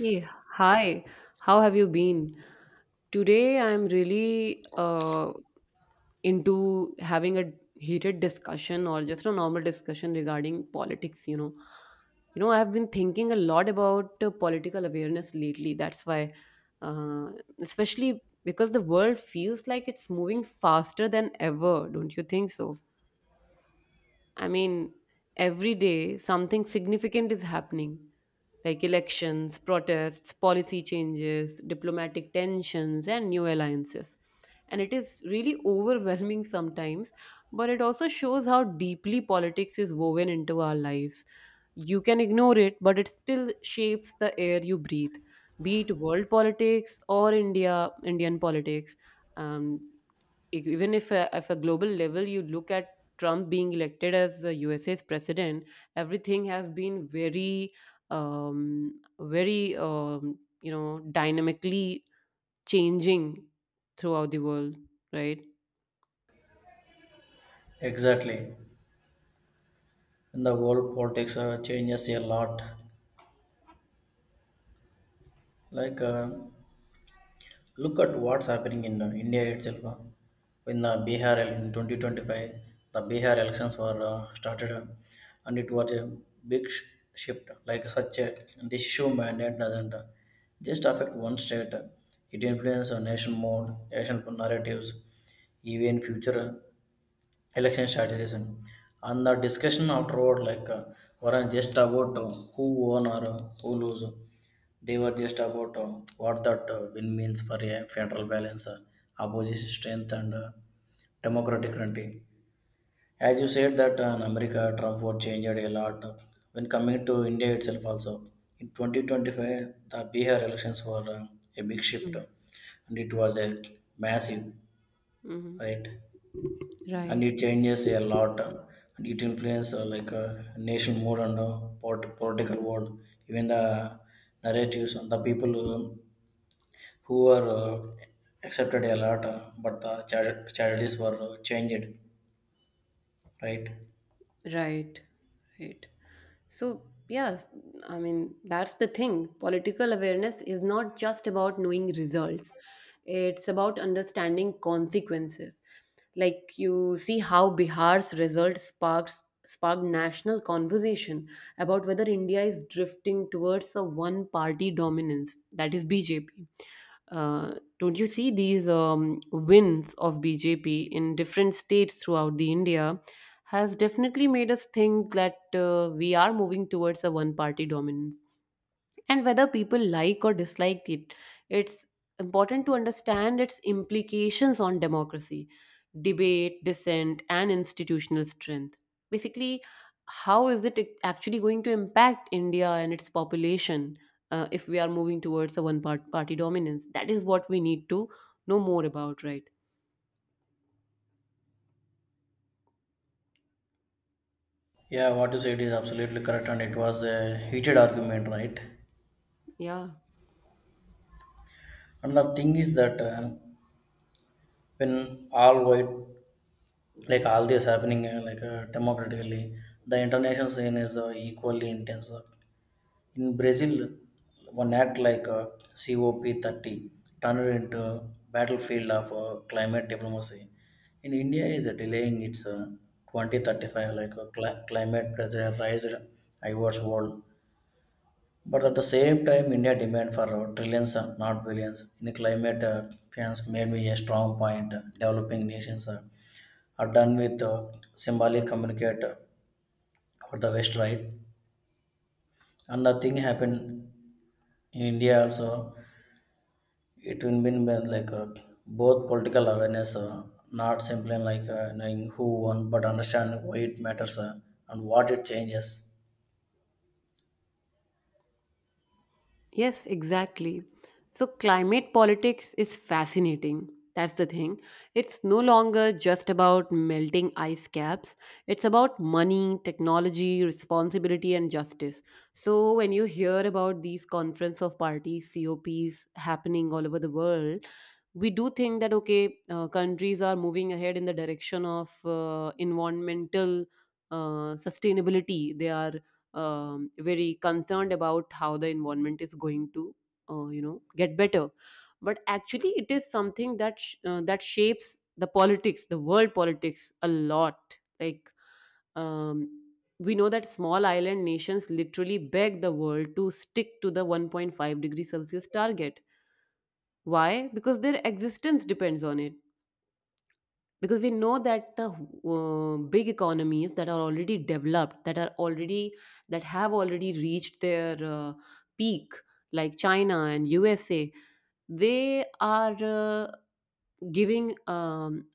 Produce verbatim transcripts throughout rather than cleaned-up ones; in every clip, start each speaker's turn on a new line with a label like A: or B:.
A: Hey, hi. How have you been? Today I'm really uh, into having a heated discussion or just a normal discussion regarding politics, you know. You know, I've been thinking a lot about uh, political awareness lately. That's why, uh, especially because the world feels like it's moving faster than ever, don't you think so? I mean, every day something significant is happening like elections, protests, policy changes, diplomatic tensions, and new alliances. And it is really overwhelming sometimes, but it also shows how deeply politics is woven into our lives. You can ignore it, but it still shapes the air you breathe, be it world politics or India, Indian politics. Um, e- even if a, if a global level you look at Trump being elected as the U S A's president, everything has been very, um, very um, you know dynamically changing throughout the world, right?
B: Exactly. And the world politics uh, changes a lot. Like, uh, Look at what's happening in uh, India itself. uh, in the Bihar el- in twenty twenty-five, the Bihar elections were uh, started, uh, and it was a big sh- shift. Like such a decision mandate doesn't uh, just affect one state; it influences a nation mode, national narratives, even future uh, election strategism, and the discussion afterward like uh, weren't just about uh, who won or uh, who lose. They were just about uh, what that uh, win means for a federal balance, uh, opposition strength, and uh, democratic country. As you said that uh, in America, Trump vote changed a lot. When coming to India itself also, in twenty twenty-five, the Bihar elections were uh, a big shift,
A: Mm.
B: and it was a massive,
A: Hmm.
B: right? And
A: Right.
B: it changes a lot, and it influences uh, like uh, national mood and uh, polit- political world, even the narratives and the people who, who were uh, accepted a lot, uh, but the char- charities were uh, changed, right?
A: Right, right. So, yes, I mean, that's the thing. Political awareness is not just about knowing results, it's about understanding consequences. Like, you see how Bihar's result sparks, sparked national conversation about whether India is drifting towards a one party dominance, that is B J P. Uh, don't you see these um, wins of B J P in different states throughout the India? Has definitely made us think that uh, we are moving towards a one party dominance. And whether people like or dislike it, it's important to understand its implications on democracy, debate, dissent, and institutional strength. Basically, how is it actually going to impact India and its population uh, if we are moving towards a one part- party dominance? That is what we need to know more about, right?
B: Yeah, what you said is absolutely correct, and it was a heated argument, right?
A: Yeah.
B: And the thing is that uh, when all white, like all this happening, uh, like uh, democratically, the international scene is uh, equally intense. In Brazil, one act like uh, COP thirty turned into a battlefield of uh, climate diplomacy. In India, is uh, delaying its uh, twenty thirty-five like uh, cli- climate pressurized awards world. But at the same time, India demand for uh, trillions, uh, not billions, in climate uh, finance made me a strong point. Developing nations uh, are done with uh, symbolic communicator for the West, right? And the thing happened in India also, it will mean been like uh, both political awareness, uh, not simply like uh, knowing who won but understand why it matters, uh, and what it changes.
A: Yes, exactly. So, climate politics is fascinating. That's the thing. It's no longer just about melting ice caps, it's about money, technology, responsibility, and justice. So, when you hear about these conference of parties, COPs happening all over the world, we do think that okay uh, countries are moving ahead in the direction of uh, environmental uh, sustainability. They are um, very concerned about how the environment is going to uh, you know get better, but actually it is something that sh- uh, that shapes the politics, the world politics, a lot. Like um, we know that small island nations literally beg the world to stick to the one point five degree celsius target. Why? Because their existence depends on it, because we know that the uh, big economies that are already developed, that are already, that have already reached their uh, peak, like China and USA, they are uh, giving um,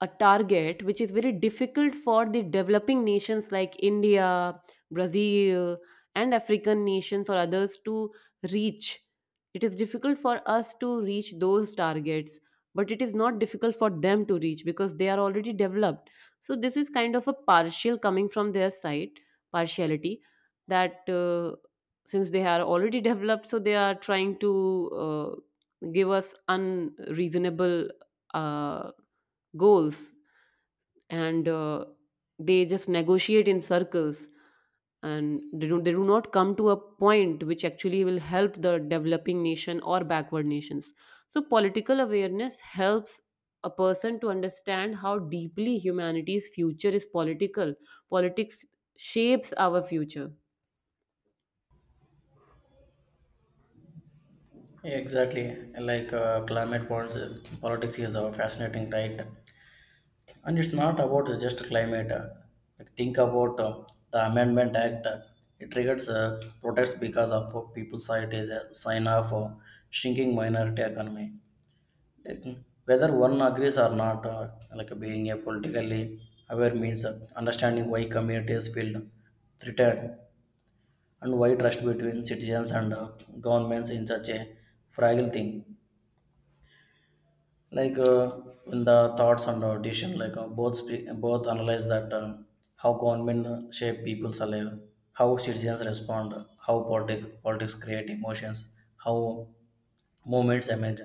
A: a target which is very difficult for the developing nations like India, Brazil, and African nations or others to reach. It is difficult for us to reach those targets, but it is not difficult for them to reach because they are already developed. So, this is kind of a partial coming from their side, partiality, that uh, since they are already developed, so they are trying to uh, give us unreasonable. Uh, Goals. And uh, they just negotiate in circles, and they do, they do not come to a point which actually will help the developing nation or backward nations. So political awareness helps a person to understand how deeply humanity's future is political. Politics shapes our future.
B: Exactly, like uh, climate points, uh, politics is a fascinating, right? And it's not about just climate, uh, like think about uh, the amendment act. Uh, it triggers uh, protests because of uh, people's side is a sign of uh, shrinking minority economy. Like, whether one agrees or not, uh, like being a politically aware means uh, understanding why communities feel threatened and why trust between citizens and uh, governments in such a fragile thing. Like uh, in the thoughts and uh, decision, like uh, both spe- both analyze that uh, how government uh, shape people's life, how citizens respond, how politics politics create emotions, how movements emerge,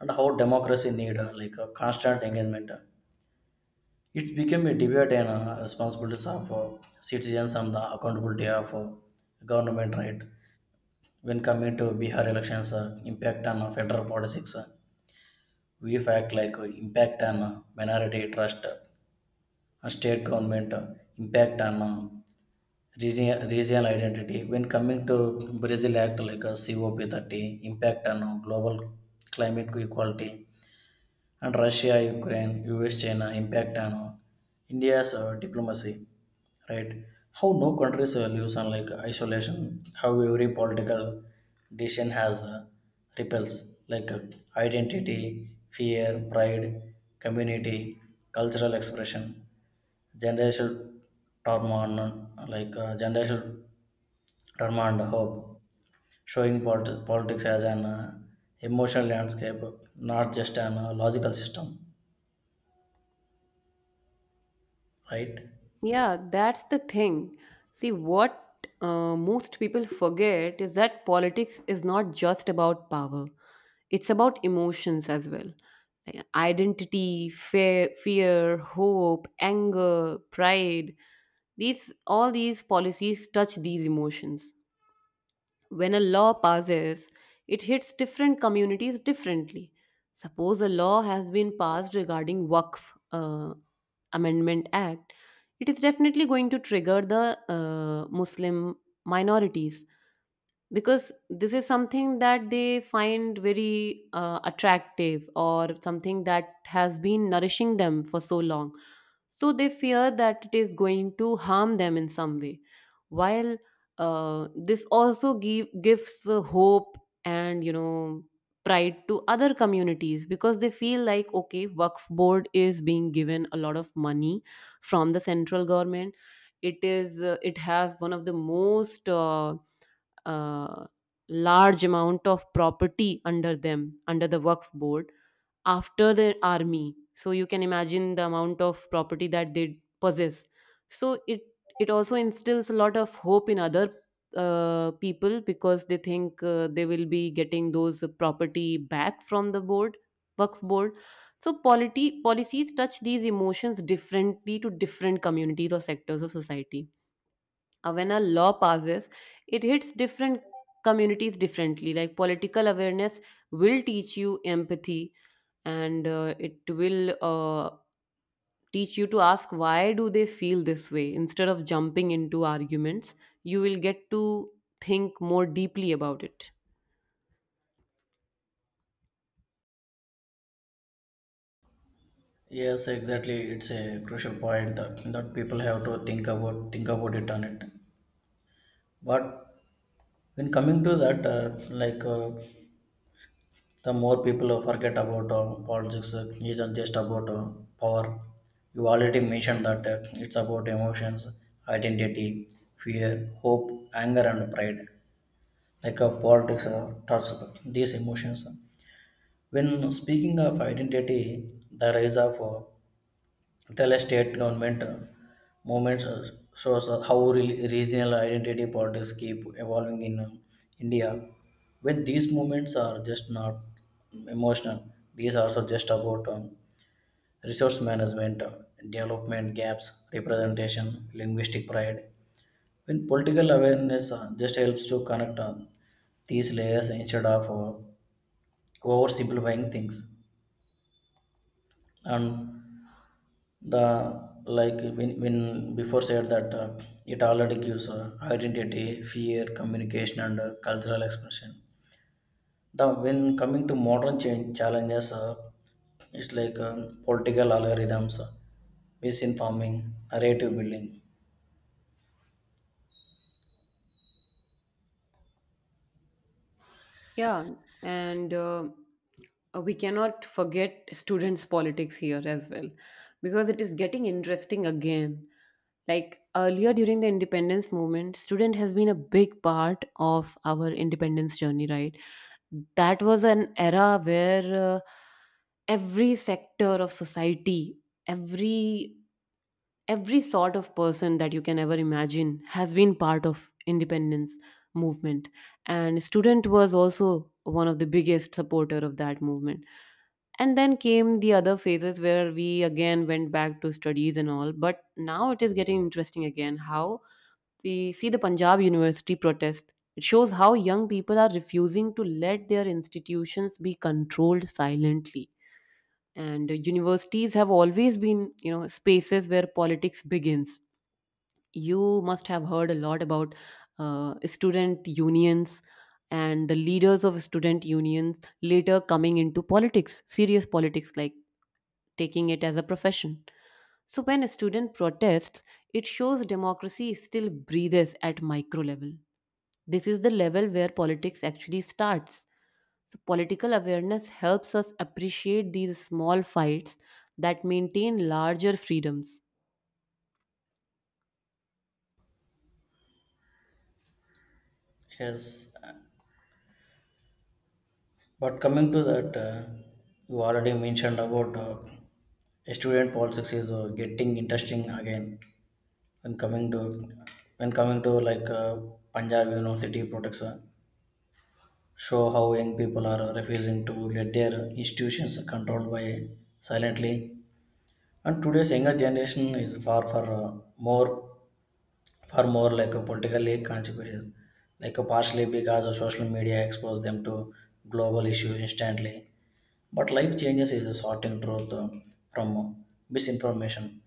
B: and how democracy need uh, like a constant engagement. It's become a debate and uh, responsibilities of uh, citizens and the accountability of uh, government, right? When coming to Bihar elections, uh, impact on uh, federal politics, uh, we fact like uh, impact on uh, minority trust, uh, and state government, uh, impact on uh, region, regional identity. When coming to Brazil Act like uh, COP thirty, impact on uh, global climate equality, and Russia, Ukraine, U S, China impact on uh, India's uh, diplomacy, right? How no countries uh, lives on like isolation, how every political decision has uh, ripples like uh, identity, fear, pride, community, cultural expression, generational turmoil, like uh, generational turmoil and hope, showing polit- politics as an uh, emotional landscape, not just an uh, logical system, right?
A: Yeah, that's the thing. See, what uh, most people forget is that politics is not just about power, it's about emotions as well. Like identity, fear, fear, hope, anger, pride. These, all these policies touch these emotions. When a law passes, it hits different communities differently. Suppose a law has been passed regarding Waqf uh, Amendment Act, it is definitely going to trigger the uh, Muslim minorities because this is something that they find very uh, attractive or something that has been nourishing them for so long, so they fear that it is going to harm them in some way, while uh, this also give, gives uh, hope and, you know, pride to other communities because they feel like okay, waqf board is being given a lot of money from the central government. It is uh, it has one of the most uh, uh, large amount of property under them, under the work board, after the army, so you can imagine the amount of property that they possess. So it it also instills a lot of hope in other uh, people, because they think uh, they will be getting those property back from the board, work board. So polity policies touch these emotions differently to different communities or sectors of society. Uh, when a law passes, it hits different communities differently. Like political awareness will teach you empathy, and uh, it will uh, teach you to ask why do they feel this way instead of jumping into arguments. You will get to think more deeply about it.
B: Yes, exactly. It's a crucial point that, that people have to think about think about it on it. But when coming to that, uh, like uh, the more people uh, forget about uh, politics, uh, isn't just about uh, power. You already mentioned that uh, it's about emotions, identity, fear, hope, anger, and pride. Like uh, politics uh, touches these emotions. When speaking of identity, the rise of uh, Kerala state government uh, movements uh, shows uh, how re- regional identity politics keep evolving in uh, India. When these movements are just not emotional, these are also just about um, resource management, uh, development gaps, representation, linguistic pride. When political awareness uh, just helps to connect uh, these layers instead of uh, oversimplifying things, and the like when, when before said that uh, it already gives uh, identity fear communication and uh, cultural expression, the when coming to modern change challenges, uh, it's like um, political algorithms, uh, misinforming narrative building.
A: Yeah, and uh, uh, we cannot forget students politics here as well, because it is getting interesting again. Like earlier during the independence movement, student has been a big part of our independence journey, right? That was an era where uh, every sector of society, every every sort of person that you can ever imagine has been part of independence movement, and student was also one of the biggest supporter of that movement. And then came the other phases where we again went back to studies and all, but now it is getting interesting again how the, see the Punjab University protest. It shows how young people are refusing to let their institutions be controlled silently. And uh, universities have always been, you know, spaces where politics begins. You must have heard a lot about uh, student unions, and the leaders of student unions later coming into politics, serious politics, like taking it as a profession. So when a student protests, it shows democracy still breathes at micro level. This is the level where politics actually starts. So, political awareness helps us appreciate these small fights that maintain larger freedoms.
B: Yes, but coming to that, uh, you already mentioned about uh, student politics is uh, getting interesting again. When coming to when coming to like uh, Punjab University protects, uh, show how young people are refusing to let their institutions controlled by silently. And today's younger generation is far for uh, more far more like a politically consequences, like a partially because of social media expose them to global issues instantly. But life changes is a sorting truth uh, from misinformation.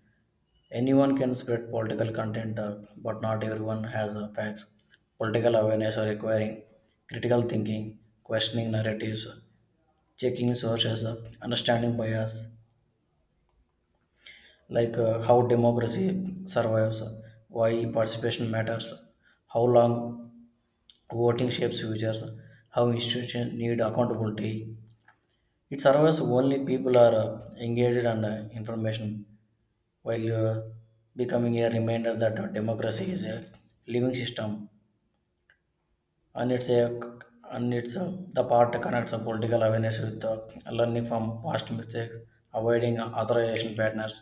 B: Anyone can spread political content, uh, but not everyone has uh, facts. Political awareness are requiring critical thinking, questioning narratives, checking sources, uh, understanding bias, like uh, how democracy survives, uh, why participation matters, how long voting shapes futures, how institutions need accountability. It survives only people are uh, engaged and uh, information, while uh, becoming a reminder that uh, democracy is a living system. And it's a and it's a, the part connects a political awareness with uh, learning from past mistakes, avoiding authorization patterns,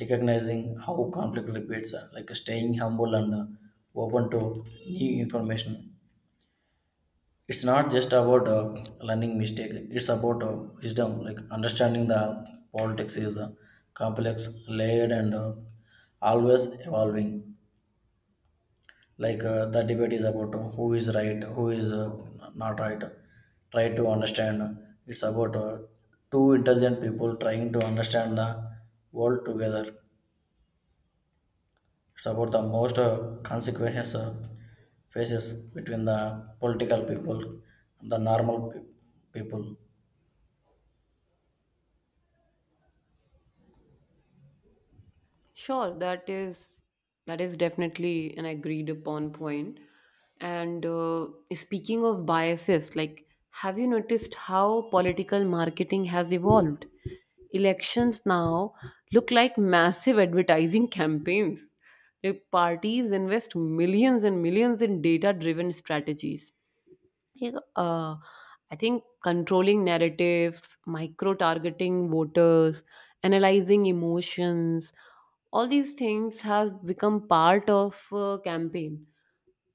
B: recognizing how conflict repeats, uh, like staying humble and uh, open to new information. It's not just about uh, learning mistake; it's about uh, wisdom, like understanding the politics is uh, complex, layered, and uh, always evolving. Like uh, the debate is about um, who is right, who is uh, not right. Try to understand, it's about uh, two intelligent people trying to understand the world together. It's about the most uh, consequences uh, faces between the political people and the normal pe- people.
A: Sure, that is, that is definitely an agreed upon point. And uh, speaking of biases, like, have you noticed how political marketing has evolved? Elections now look like massive advertising campaigns. Like parties invest millions and millions in data driven strategies. Like, Uh, I think controlling narratives, micro targeting voters, analyzing emotions, all these things has become part of a campaign,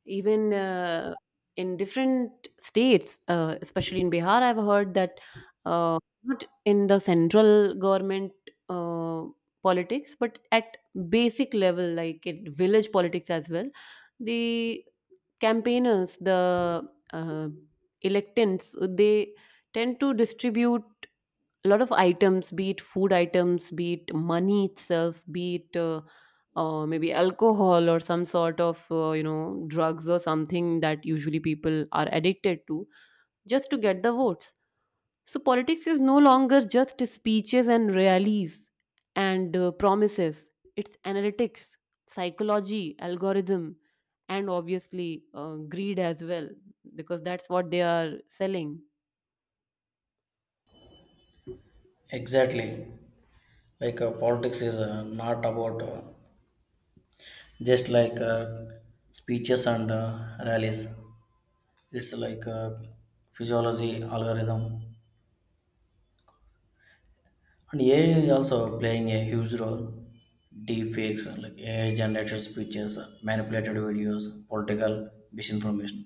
A: even uh, in different states, uh, especially in Bihar, I've heard that uh, not in the central government uh, politics, but at basic level, like at village politics as well, the campaigners, the uh, electants, they tend to distribute a lot of items, be it food items, be it money itself, be it uh, uh, maybe alcohol or some sort of uh, you know drugs or something that usually people are addicted to, just to get the votes. So politics is no longer just speeches and rallies and uh, promises. It's analytics, psychology, algorithm, and obviously uh, greed as well, because that's what they are selling.
B: Exactly, like uh, politics is uh, not about uh, just like uh, speeches and uh, rallies, it's like uh, physiology algorithm. And A I is also playing a huge role. Deepfakes, like A I generated speeches, manipulated videos, political misinformation.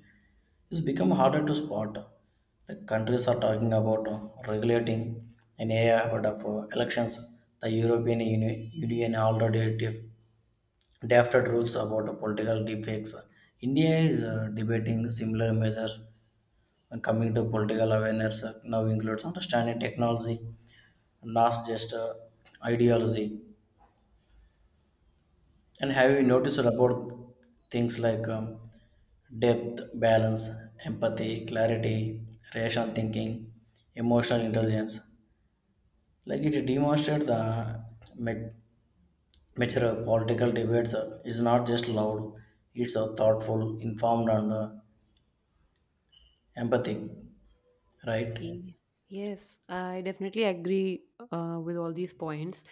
B: It's become harder to spot. Like, countries are talking about uh, regulating an A I ahead of uh, elections. The European Uni- Union already def- drafted rules about uh, political deepfakes. India is uh, debating similar measures, and coming to political awareness uh, now includes understanding technology, not just uh, ideology. And have you
A: True.
B: noticed about things like um, depth, balance, empathy, clarity, rational thinking, emotional intelligence? Like it demonstrates the ma- mature political debates uh, is not just loud, it's uh, thoughtful, informed, and uh, empathic, right?
A: Yes, yes, I definitely agree uh, with all these points.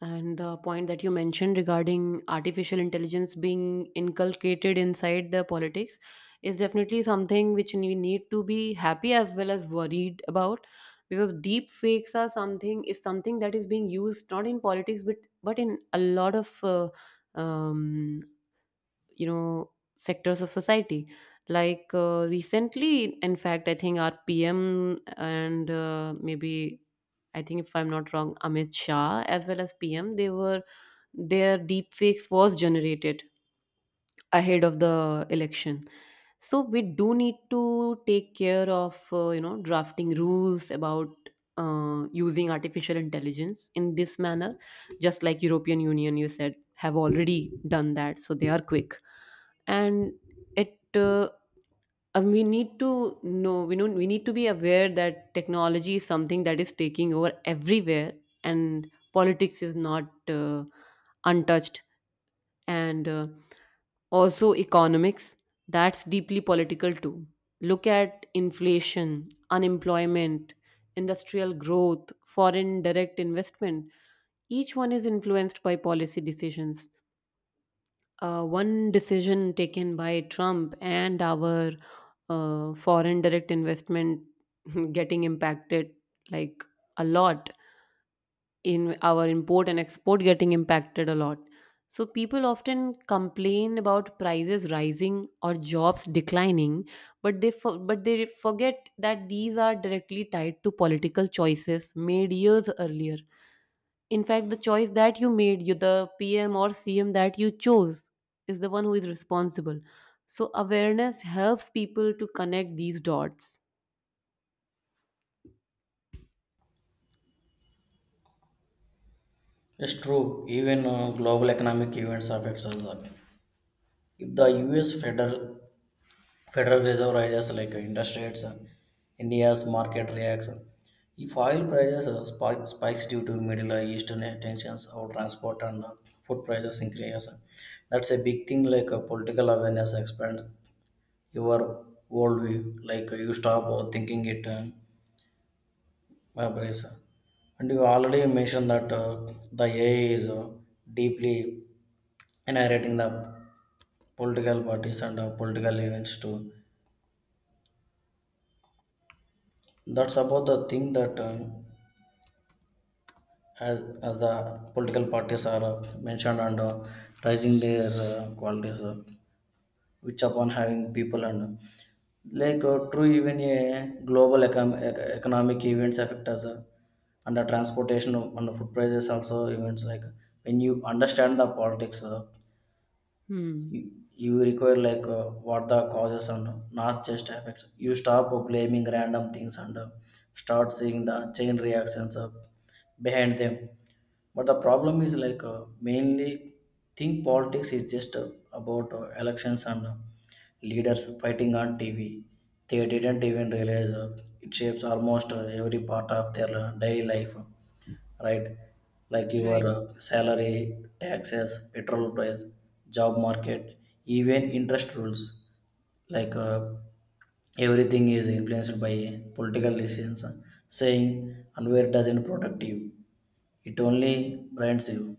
A: And the point that you mentioned regarding artificial intelligence being inculcated inside the politics is definitely something which we need to be happy as well as worried about, because deep fakes are something, is something that is being used not in politics, but but in a lot of uh, um, you know sectors of society. Like uh, recently, in fact, I think our PM and uh, maybe, I think if I'm not wrong, Amit Shah as well as PM, they were, their deep fakes was generated ahead of the election. So we do need to take care of uh, you know drafting rules about uh, using artificial intelligence in this manner, just like European Union, you said, have already done that, so they are quick. And it uh, and we need to know, we know, we need to be aware that technology is something that is taking over everywhere, and politics is not uh, untouched. And uh, also economics, that's deeply political too. Look at inflation, unemployment, industrial growth, foreign direct investment. Each one is influenced by policy decisions. Uh, one decision taken by Trump and our uh, foreign direct investment getting impacted, like, a lot, in our import and export getting impacted a lot. So people often complain about prices rising or jobs declining, but they for, but they forget that these are directly tied to political choices made years earlier. In fact, the choice that you made, you, the P M or C M that you chose, is the one who is responsible. So awareness helps people to connect these dots.
B: It's true. Even uh, global economic events affects us. uh, If the U S Federal, Federal Reserve rises like uh, interest rates, uh, India's market reacts. uh, If oil prices uh, spike, spikes due to Middle Eastern tensions or transport and uh, food prices increase, uh, that's a big thing. Like uh, political awareness expands your worldview. Like uh, you stop uh, thinking it uh, uh, Please. And you already mentioned that uh, the A I is uh, deeply narrating the political parties and uh, political events too. That's about the thing that uh, as, as the political parties are uh, mentioned and uh, raising their uh, qualities, uh, which upon having people and uh, like uh, true even a global econ- ec- economic events affect us. Uh, under transportation, under food prices also events like, when you understand the politics, uh, you,
A: Hmm.
B: you require like uh, what the causes and not just effects. You stop blaming random things and uh, start seeing the chain reactions uh, behind them. But the problem is like uh, mainly think politics is just uh, about uh, elections and uh, leaders fighting on TV. They didn't even realize uh, it shapes almost uh, every part of their uh, daily life, right? Like your
A: Right.
B: uh, salary, taxes, petrol price, job market, even interest rules. Like uh, Everything is influenced by political decisions. Saying unaware doesn't protect you; it only blinds you.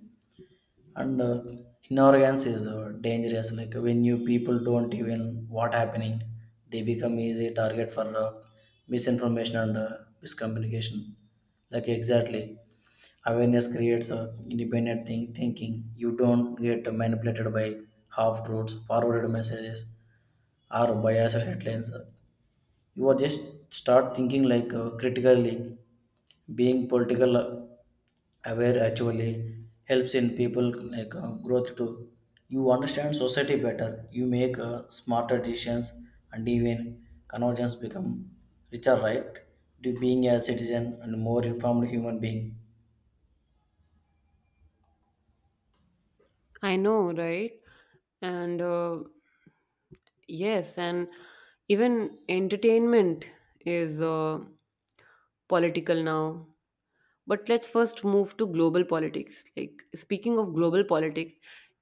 B: And uh, ignorance is uh, dangerous. Like, when you people don't even what happening, they become easy target for uh, misinformation and uh, miscommunication. Like exactly, awareness creates a independent think- thinking. You don't get manipulated by half truths, forwarded messages, or biased headlines. You are just start thinking like uh, critically. Being political uh, aware actually helps in people like uh, growth too. You understand society better. You make uh, smarter decisions, and even convergence become richer, right? To being a citizen and more informed human being.
A: I know, right? And uh, yes, and even entertainment is uh, political now. But let's first move to global politics. Like, speaking of global politics,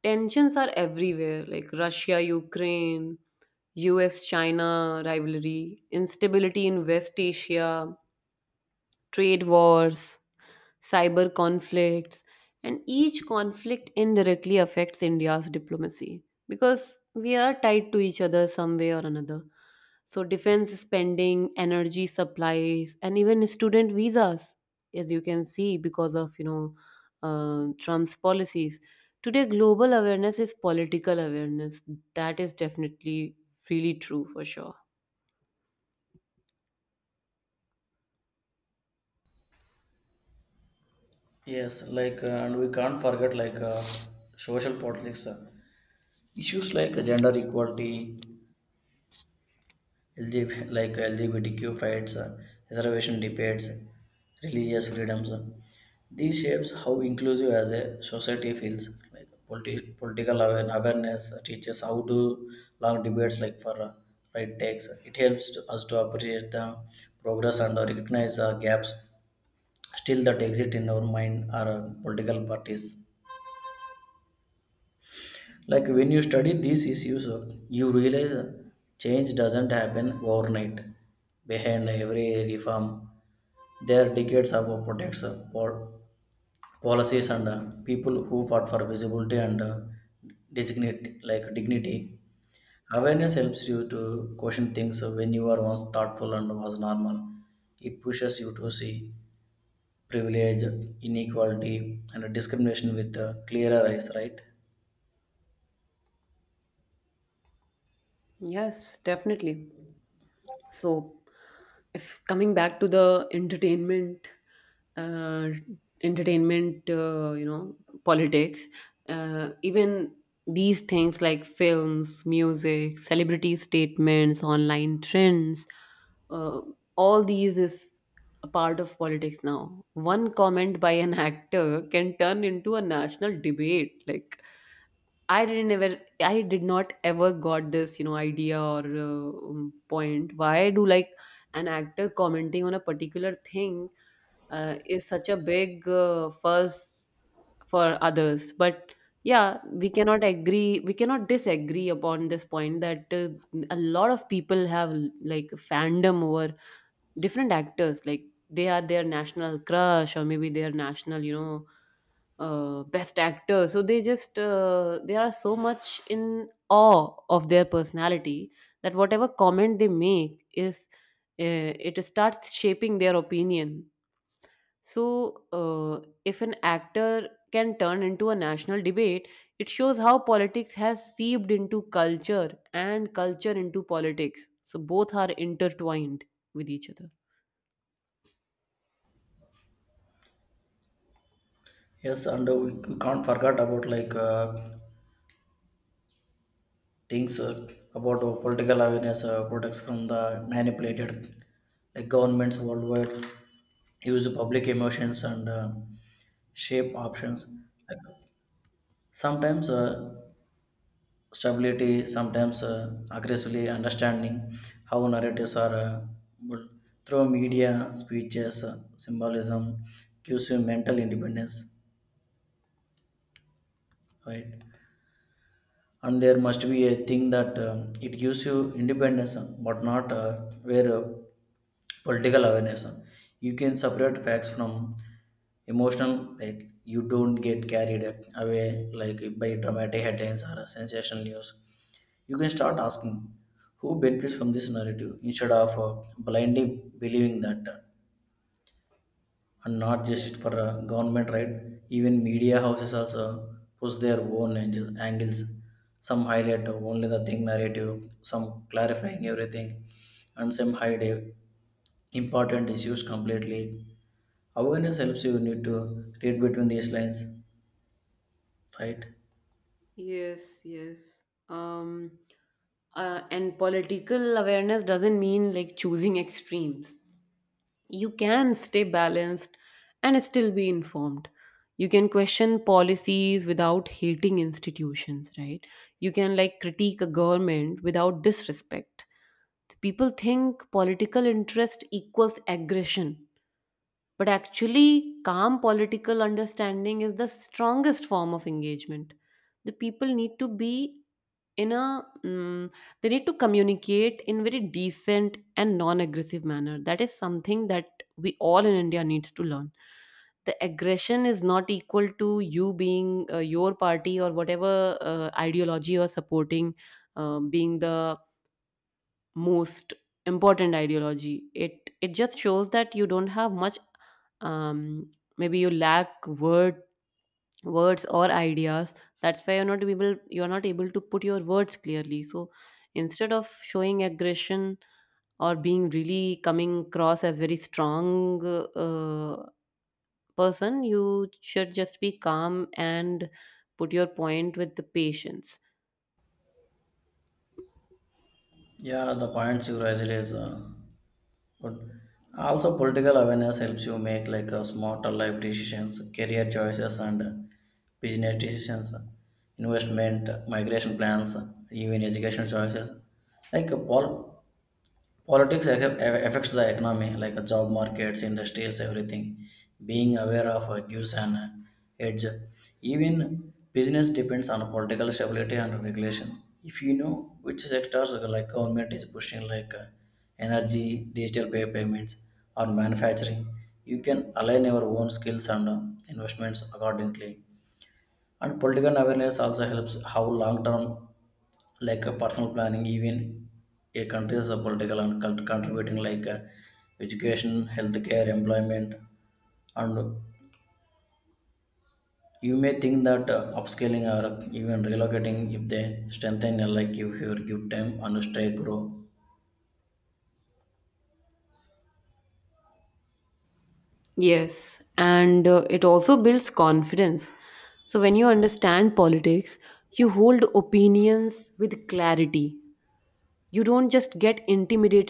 A: tensions are everywhere, like Russia, Ukraine, U S China rivalry, instability in West Asia, trade wars, cyber conflicts, and each conflict indirectly affects India's diplomacy, because we are tied to each other some way or another. So, defense spending, energy supplies, and even student visas, as you can see, because of, you know, uh, Trump's policies. Today, global awareness is political awareness. That is definitely really true for sure.
B: Yes, like, uh, and we can't forget like uh, social politics. Uh, issues like gender equality, L G B, like L G B T Q fights, uh, reservation debates, religious freedoms. uh, These shapes how inclusive as a society feels. Like politi- political awa- awareness uh, teaches how to long debates like for uh, right takes. It helps to, us to appreciate the progress and uh, recognize uh, gaps still that exist in our mind or uh, political parties. Like, when you study these issues, you realize change doesn't happen overnight. Behind every reform, there are decades of protects, pol- policies, and uh, people who fought for visibility and uh, dignity. Like dignity, awareness helps you to question things when you are once thoughtful and was normal. It pushes you to see privilege, inequality, and discrimination with uh, clearer eyes, right?
A: Yes, definitely. So, if coming back to the entertainment uh, entertainment uh, you know politics, uh, even these things like films, music, celebrity statements, online trends, uh, all these is a part of politics now. One comment by an actor can turn into a national debate. Like, I didn't ever, I did not ever got this, you know, idea or uh, um, point. Why do, like, an actor commenting on a particular thing uh, is such a big uh, fuss for others? But yeah, we cannot agree, we cannot disagree upon this point that uh, a lot of people have, like, fandom over different actors. Like, they are their national crush, or maybe their national, you know, uh, best actor, so they just uh, they are so much in awe of their personality that whatever comment they make is uh, it starts shaping their opinion. So uh, if an actor can turn into a national debate, it shows how politics has seeped into culture, and culture into politics, so both are intertwined with each other.
B: Yes, and uh, we we can't forget about like uh, things uh, about uh, political awareness uh, protects from the manipulated, like governments worldwide use public emotions and uh, shape options. Like, sometimes uh, stability, sometimes uh, aggressively understanding how narratives are uh, built through media, speeches, uh, symbolism gives you mental independence, right? And there must be a thing that um, it gives you independence, uh, but not uh, where uh, political awareness, uh, you can separate facts from emotional, like you don't get carried away like by dramatic headlines or sensational news. You can start asking who benefits from this narrative instead of uh, blindly believing that, uh, and not just it for uh, government, right? Even media houses also push their own angel, angles. Some highlight only the thing narrative, some clarifying everything, and some hide uh, important issues completely. Awareness helps you need to read between these lines, right?
A: Yes, yes. Um, uh, and political awareness doesn't mean, like, choosing extremes. You can stay balanced and still be informed. You can question policies without hating institutions, right? You can, like, critique a government without disrespect. People think political interest equals aggression, but actually, calm political understanding is the strongest form of engagement. The people need to be in a, mm, they need to communicate in very decent and non-aggressive manner. That is something that we all in India needs to learn. The aggression is not equal to you being uh, your party or whatever uh, ideology you're supporting, uh, being the most important ideology. it it just shows that you don't have much, um, maybe you lack word words or ideas. That's why you're not able you're not able to put your words clearly. So instead of showing aggression or being really coming across as very strong uh, person, you should just be calm and put your point with the patience.
B: Yeah, the points you raised is uh, but also political awareness helps you make like a smarter life decisions, career choices and uh, business decisions, uh, investment, migration plans, even education choices. Like a pol- Politics aff- affects the economy, like uh, job markets, industries, everything. Being aware of uh, gives an uh, edge. Even business depends on political stability and regulation. If you know which sectors, uh, like government is pushing, like uh, energy, digital pay payments, or manufacturing, you can align your own skills and uh, investments accordingly. And political awareness also helps how long term, like a personal planning, even a country's uh, political and cult- contributing, like uh, education, healthcare, employment, and you may think that uh, upscaling or even relocating if they strengthen uh, like if you give time and stay grow
A: Yes, and uh, it also builds confidence. So when you understand politics, you hold opinions with clarity. You don't just get intimidated.